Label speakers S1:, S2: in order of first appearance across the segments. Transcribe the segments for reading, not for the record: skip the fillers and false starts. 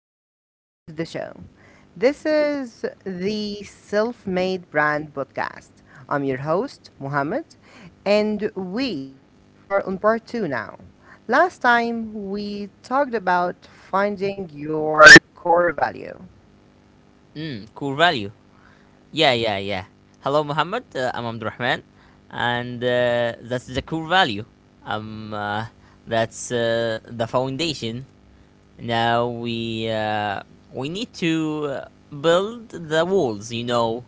S1: Welcome back to the show. This is the Self Made Brand Podcast. I'm your host, Mohammed, and we are on part two now. Last time we talked about finding your core value.
S2: Mm, core value. Yeah, yeah, yeah. Hello, Muhammad. I'm Abdurrahman, and that's the cool value. Um, uh, that's the foundation. Now we need to build the walls. You know,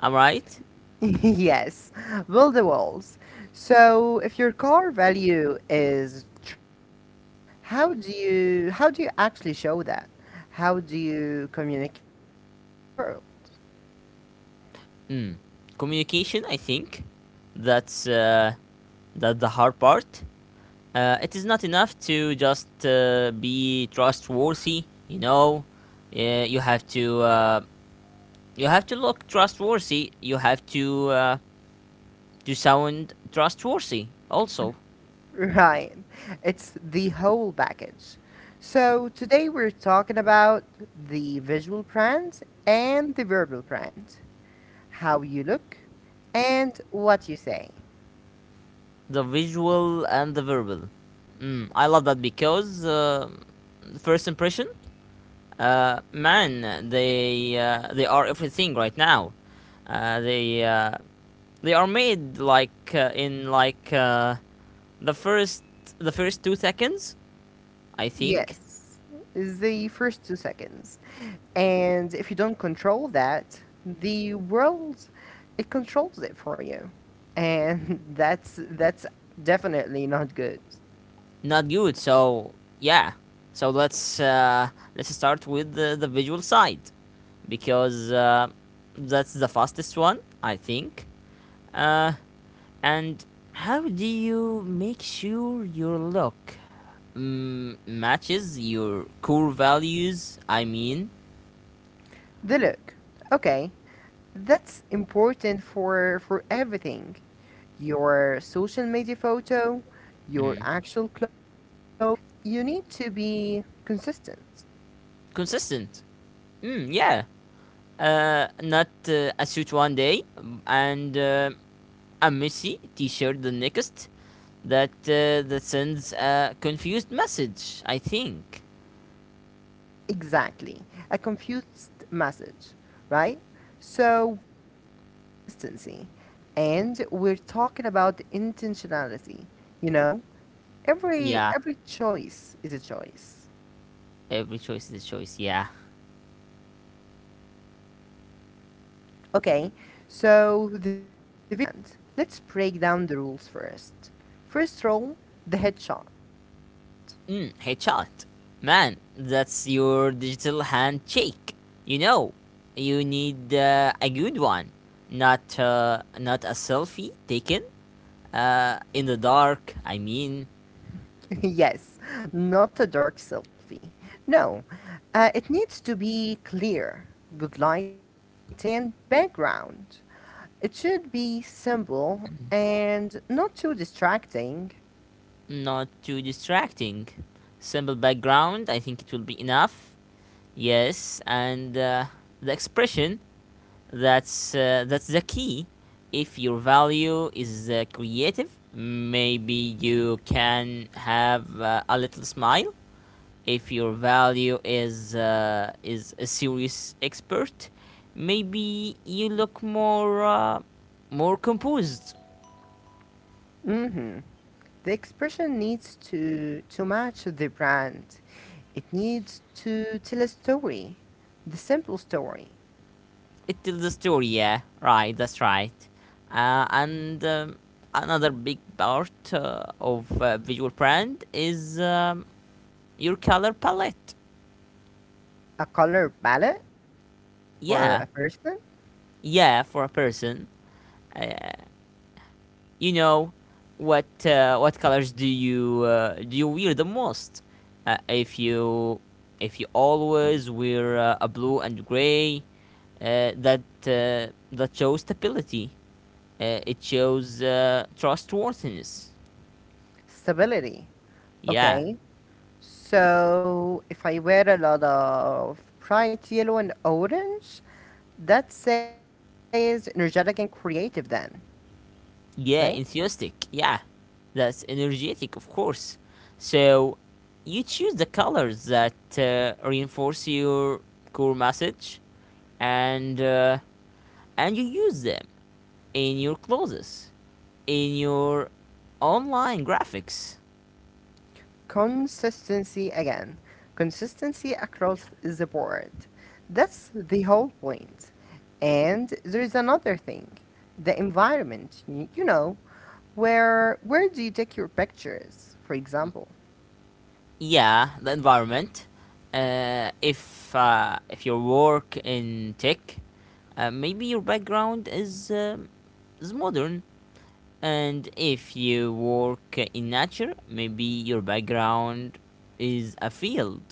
S2: am I right?
S1: Yes, build the walls. So if your core value is trust, how do you actually show that? How do you communicate that to the world?
S2: Mm. Communication. I think that's uh, that's the hard part. It is not enough to just be trustworthy. You have to. You have to look trustworthy. You have to to sound trustworthy. Also,
S1: Right. It's the whole package. So today we're talking about the visual brand and the verbal brand, how you look and what you say.
S2: the visual and the verbal. I love that because first impression, man, they are everything right now. Uh, they uh, they are made like in like the first 2 seconds, I think.
S1: Yes, the first 2 seconds. And if you don't control that, the world it controls it for you. And that's definitely not good.
S2: Not good. So yeah, so let's start with the visual side because that's the fastest one, I think. Uh, and how do you make sure your look matches your core values? I mean,
S1: The look. Okay. That's important for everything. Your social media photo, your
S2: mm,
S1: actual clothes. You need to be consistent.
S2: consistent. Mm, yeah. Not a suit one day and a messy t-shirt the next. That sends a confused message. I think.
S1: Yes, exactly. A confused message, right? So we're talking about consistency and we're talking about intentionality. You know, every
S2: Yeah,
S1: every choice is a choice.
S2: every choice is a choice. Yeah.
S1: Okay, so the visual brand. Let's break down the rules first. First rule, the headshot.
S2: Hey, Charlotte, man, that's your digital handshake. You know, you need a good one, not a selfie taken in the dark. I mean,
S1: Yes, not a dark selfie. No, it needs to be clear, good lighting, and background. It should be simple and not too distracting.
S2: not too distracting. Simple background. I think it will be enough. Yes, and the expression. That's the key. If your value is creative, maybe you can have a little smile. If your value is a serious expert, maybe you look more composed.
S1: Hmm The expression needs to match the brand. It needs to tell a story, the simple story,
S2: It tells the story, yeah, right. That's right. And another big part of visual brand is your color palette.
S1: a color palette for a
S2: Yeah,
S1: person,
S2: yeah, for a person, you know, what what colors do you wear the most? Uh, if you if you always wear a blue and gray. That shows stability. It shows trustworthiness.
S1: stability.
S2: Yeah,
S1: Okay, so if I wear a lot of bright yellow and orange, that says energetic and creative, then, right?
S2: yeah, enthusiastic. Yeah, that's energetic, of course. So you choose the colors that reinforce your core message, and uh, and you use them in your clothes, in your online graphics.
S1: Consistency again. Consistency across the board. That's the whole point. And there is another thing, the environment. You know, where do you take your pictures, for example?
S2: Yeah, the environment. If you work in tech, maybe your background is modern, and if you work in nature, maybe your background is a field.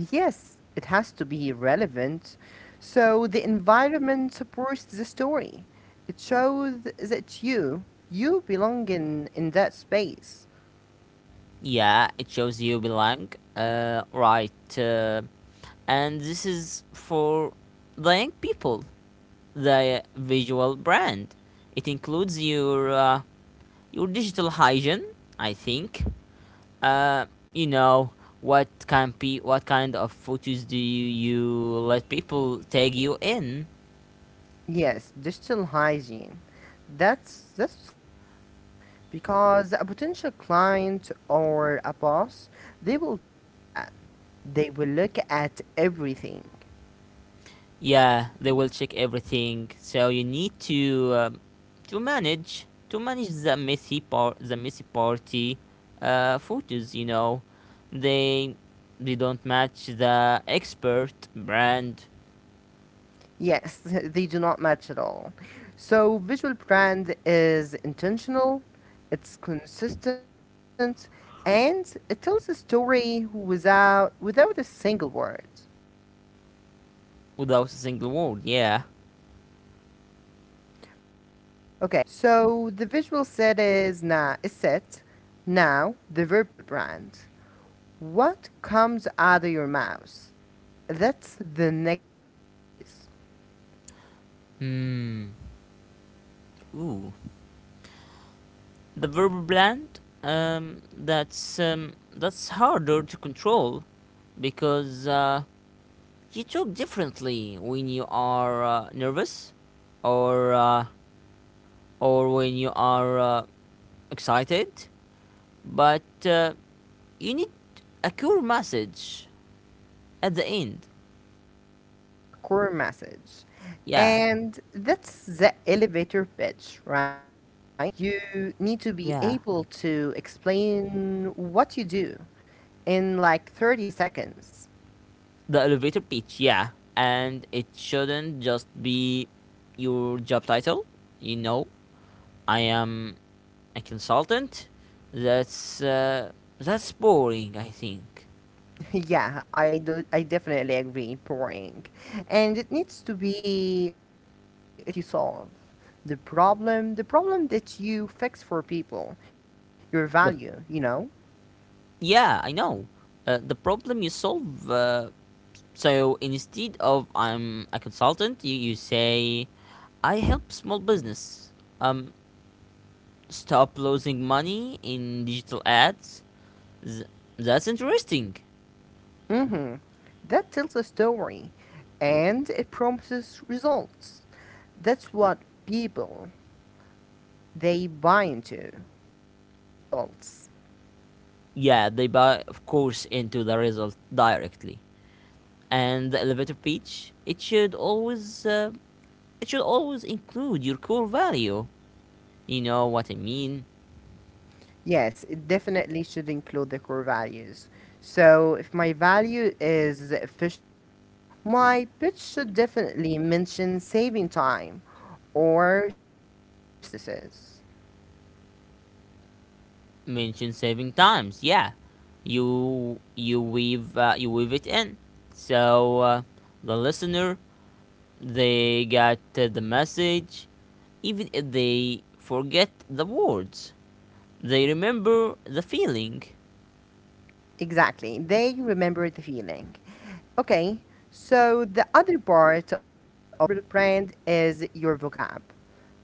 S1: Yes, it has to be relevant. So the environment supports the story. It shows that you belong in that space.
S2: Yeah, it shows you belong. Right. And this is for the young people, the visual brand. It includes your digital hygiene, I think. You know what can be what kind of photos do you let people tag you in?
S1: Yes, digital hygiene. That's crucial because a potential client or a boss, they will check that. They will look at everything.
S2: Yeah, they will check everything. So you need to manage the messy party photos. You know, they they don't match the expert brand,
S1: Yes, they do not match at all. So visual brand is intentional, it's consistent, and it tells a story without without a single word.
S2: without a single word. Yeah.
S1: Okay, so the visual set is na is set. Now the verbal brand. What comes out of your mouth? That's the next big piece.
S2: Hmm. Ooh. The verbal blend. That's harder to control, because you talk differently when you are nervous, or uh, or when you are excited. But you need a cool message at the end.
S1: Yes, a core message.
S2: Yeah.
S1: And that's the elevator pitch, right? You need to be
S2: Yeah.
S1: able to explain what you do in like 30 seconds.
S2: The elevator pitch. Yeah. And it shouldn't just be your job title. You know, I am a consultant? That's uh, that's boring. I think.
S1: Yeah, I do. I definitely agree. Boring, and it needs to be what you solve, the problem that you fix for people, your value.
S2: The
S1: You know.
S2: Yeah, I know. The problem you solve. So instead of I'm a consultant, you say, I help small business. Um, Stop losing money in digital ads. Th- that's interesting.
S1: Mm-hmm. That tells a story, and it promises results. That's what people they buy into. The results.
S2: Yeah, they buy, of course, into the result directly. And the elevator pitch, it should always include your core value. You know what I mean?
S1: Yes, it definitely should include the core values. So if my value is efficiency, my pitch should definitely mention saving time or streaming processes.
S2: Mention saving times. Yeah, you weave it in. So the listener they got the message. Even if they forget the words, they remember the feeling.
S1: Exactly, they remember the feeling. Okay, so the other part of the verbal brand is your vocab,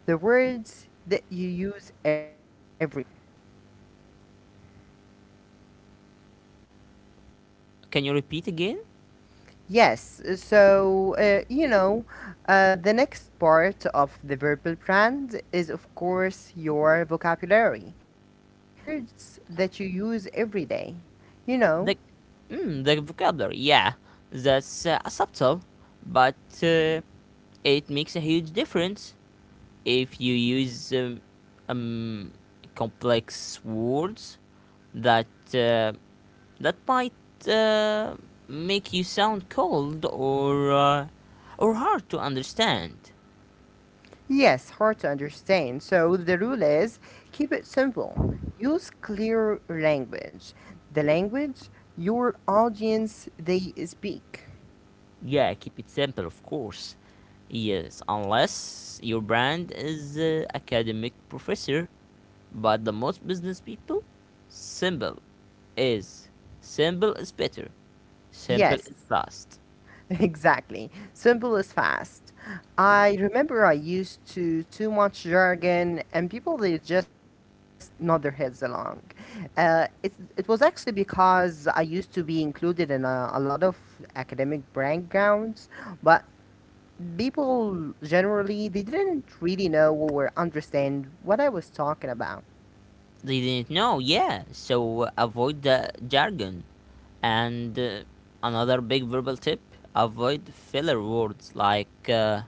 S1: the words that you use every day.
S2: Can you repeat again?
S1: Yes, so you know, the next part of the verbal brand is, of course, your vocabulary, the words that you use every day. You know,
S2: The the vocabulary. Yeah, that's subtle, but it makes a huge difference. If you use um, complex words that uh, that might make you sound cold, or hard to understand.
S1: yes, hard to understand. So the rule is keep it simple, use clear language, the language your audience they speak.
S2: Yeah, keep it simple, of course. Yes, unless your brand is academic professor, but the most business people, simple is simple is better. Simple
S1: Yes.
S2: is fast.
S1: Exactly. Simple is fast. I remember I used to too much jargon and people they just nod their heads along. Uh, it, it was actually because I used to be included in a lot of academic backgrounds, but people generally they didn't really know or understand what I was talking about.
S2: They didn't know, yeah. So avoid the jargon. And another big verbal tip, avoid filler words like,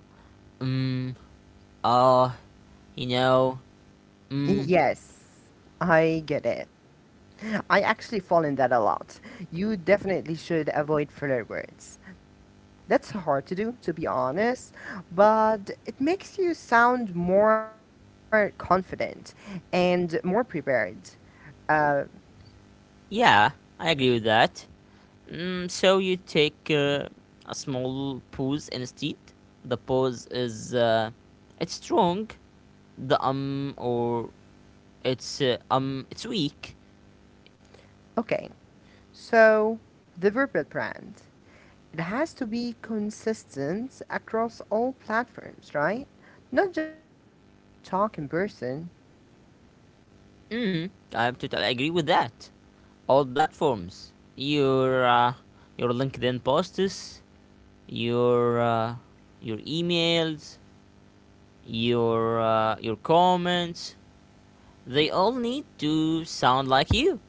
S2: mm, uh, you know, mm,
S1: Yes, I get it. I actually fall in that a lot. You definitely should avoid filler words. That's hard to do, to be honest, but it makes you sound more confident and more prepared. Uh,
S2: yeah, I agree with that. So you take a small pause instead. The pause it's strong. The or it's weak.
S1: okay, so the verbal brand. It has to be consistent across all platforms, right? Not just when you talk in person.
S2: Mm, I totally agree with that. All platforms. Your LinkedIn posts, your uh, your emails, your comments. They all need to sound like you.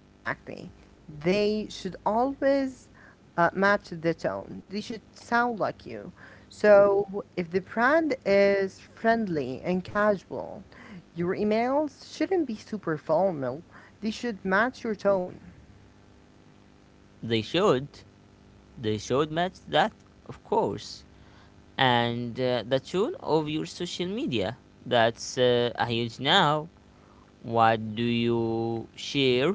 S1: Exactly. They should always match the tone. They should sound like you. So if the brand is friendly and casual, your emails shouldn't be super formal. They should match your tone.
S2: They should. They should match that, of course. And the tune of your social media. That's a huge now. What do you share?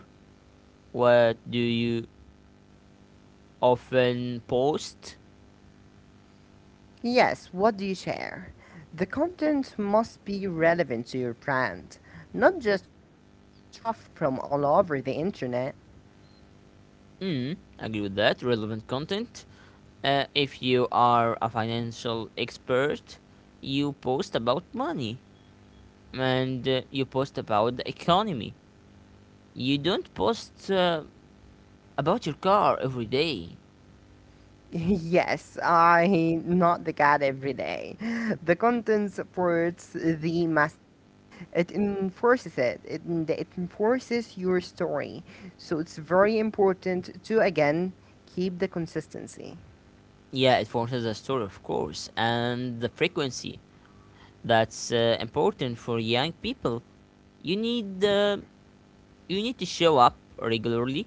S2: What do you often post?
S1: Yes, what do you share? The content must be relevant to your brand, not just random stuff from all over the internet.
S2: Agree with that. Relevant content. If you are a financial expert, you post about money, and you post about the economy. You don't post about your car every day.
S1: Yes, I not the cat every day. The content supports the message. It enforces it. It enforces your story. So it's very important to again keep the consistency.
S2: Yeah, it forces a story, of course. And the frequency, that's important for young people. You need uh, you need to show up regularly,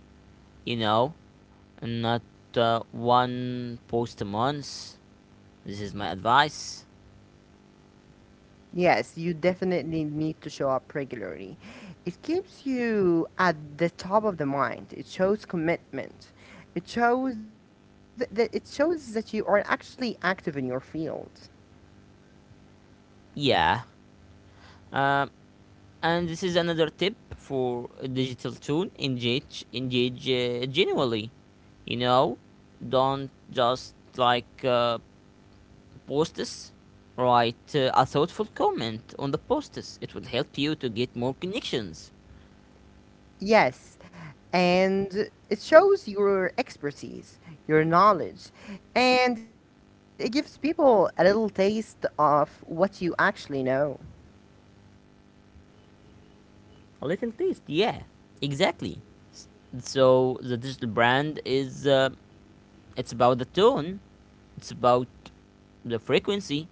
S2: you know, and not one post a month. This is my advice.
S1: Yes, you definitely need to show up regularly. It keeps you at the top of the mind. It shows commitment. It shows that you are actually active in your field.
S2: Yeah. Uh, and this is another tip for a digital tune: engage genuinely. you know don't just like, post this. Write a thoughtful comment on the posts. It will help you to get more connections.
S1: Yes, and it shows your expertise, your knowledge, and it gives people a little taste of what you actually know.
S2: A little taste, yeah, exactly. So the digital brand, is it's about the tone. It's about the frequency.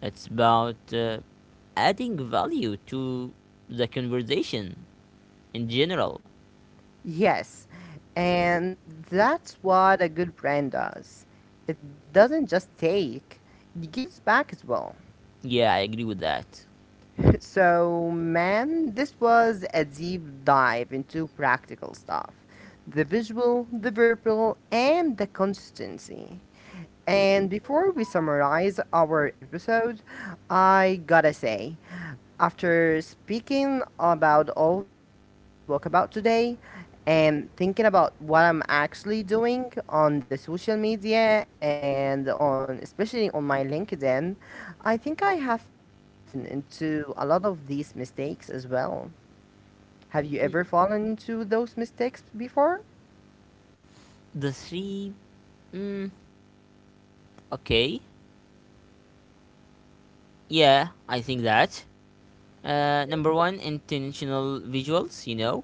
S2: It's about adding value to the conversation in general.
S1: Yes, and that's what a good brand does. It doesn't just take, it gives back as well.
S2: Yeah, I agree with that.
S1: So, man, this was a deep dive into practical stuff the visual, the verbal, and the consistency. And before we summarize our episode, I gotta say, after speaking about all of that stuff we spoke about today and thinking about what I'm actually doing on the social media and on especially on my LinkedIn, I think I have fallen into a lot of these mistakes as well. Have you
S2: Mm,
S1: ever fallen into those mistakes before?
S2: the three. Mm, okay. Yeah, I think that. Number one, intentional visuals, you know,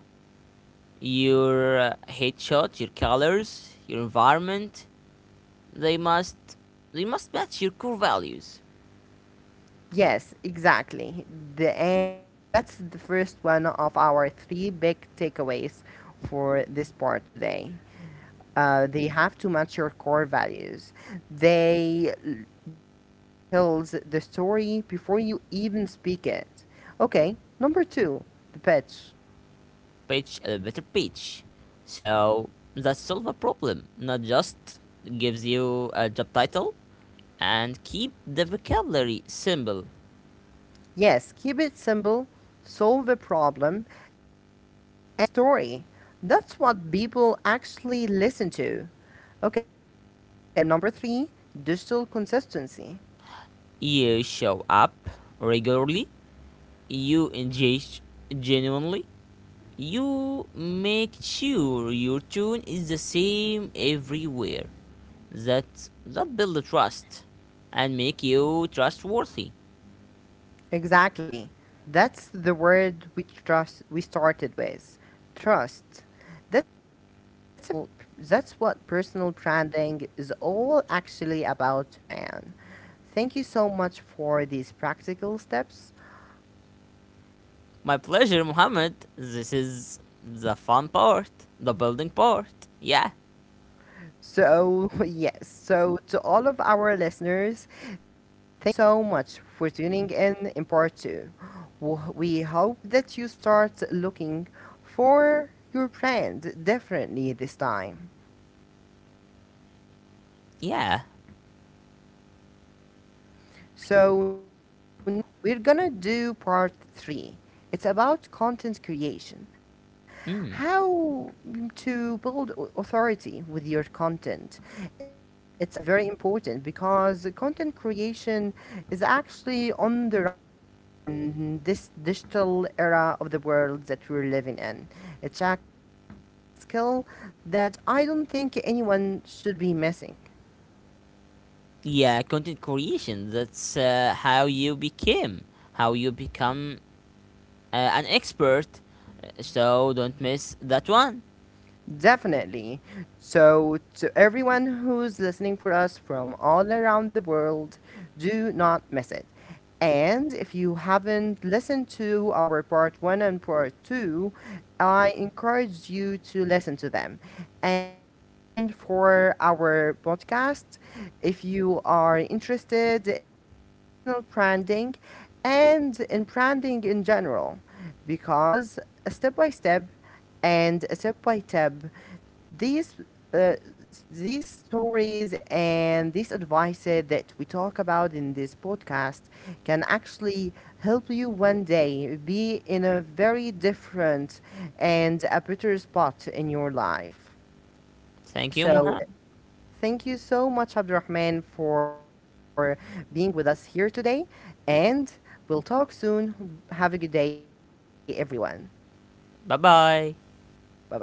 S2: your headshot, your colors, your environment. They must they must match your core values.
S1: Yes, exactly. And that's the first one of our three big takeaways for this part today. They have to match your core values. They, the look tells the story before you even speak it. Okay, number two, the pitch.
S2: Pitch a better pitch. So that solve a problem, not just gives you a job title. And keep the vocabulary simple.
S1: Yes, keep it simple, solve a problem, and tell a story. That's what people actually listen to. Okay, so for number three, digital consistency.
S2: You show up regularly, you engage genuinely, you make sure your tone is the same everywhere. That builds trust and make you trustworthy.
S1: Exactly. That's the word we trust we started with. Trust. That's a personal that's what personal branding is all actually about, man. Thank you so much for these practical steps.
S2: My pleasure, Mohammed. This is the fun part, the building part. Yeah,
S1: So, yes, so to all of our listeners, thank you so much for tuning in part two. We hope that you start looking for your brand differently this time.
S2: yeah.
S1: So next time we're gonna do part three. It's about content creation,
S2: Mm.
S1: how to build authority with your content. It's actually very important because content creation is actually on the rise in this digital era of the world that we're living in. It's actually a skill that I don't think anyone should be missing.
S2: Yeah, content creation. That's how you become an expert. So don't miss that one.
S1: Definitely. So, to everyone who's listening for us from all around the world, do not miss it. And if you haven't listened to our part one and part two, I encourage you to listen to them. And stay tuned for our podcast if you are interested in personal branding and in branding in general, because step by step, and step by step these uh, these stories and these advices that we talk about in this podcast can actually help you one day be in a very different and a better spot in your life.
S2: Thank you,
S1: So
S2: Mohammed.
S1: thank you so much, Abdurrahman, for being with us here today, and we'll talk soon. Have a good day, everyone.
S2: 拜拜。
S1: Bye bye.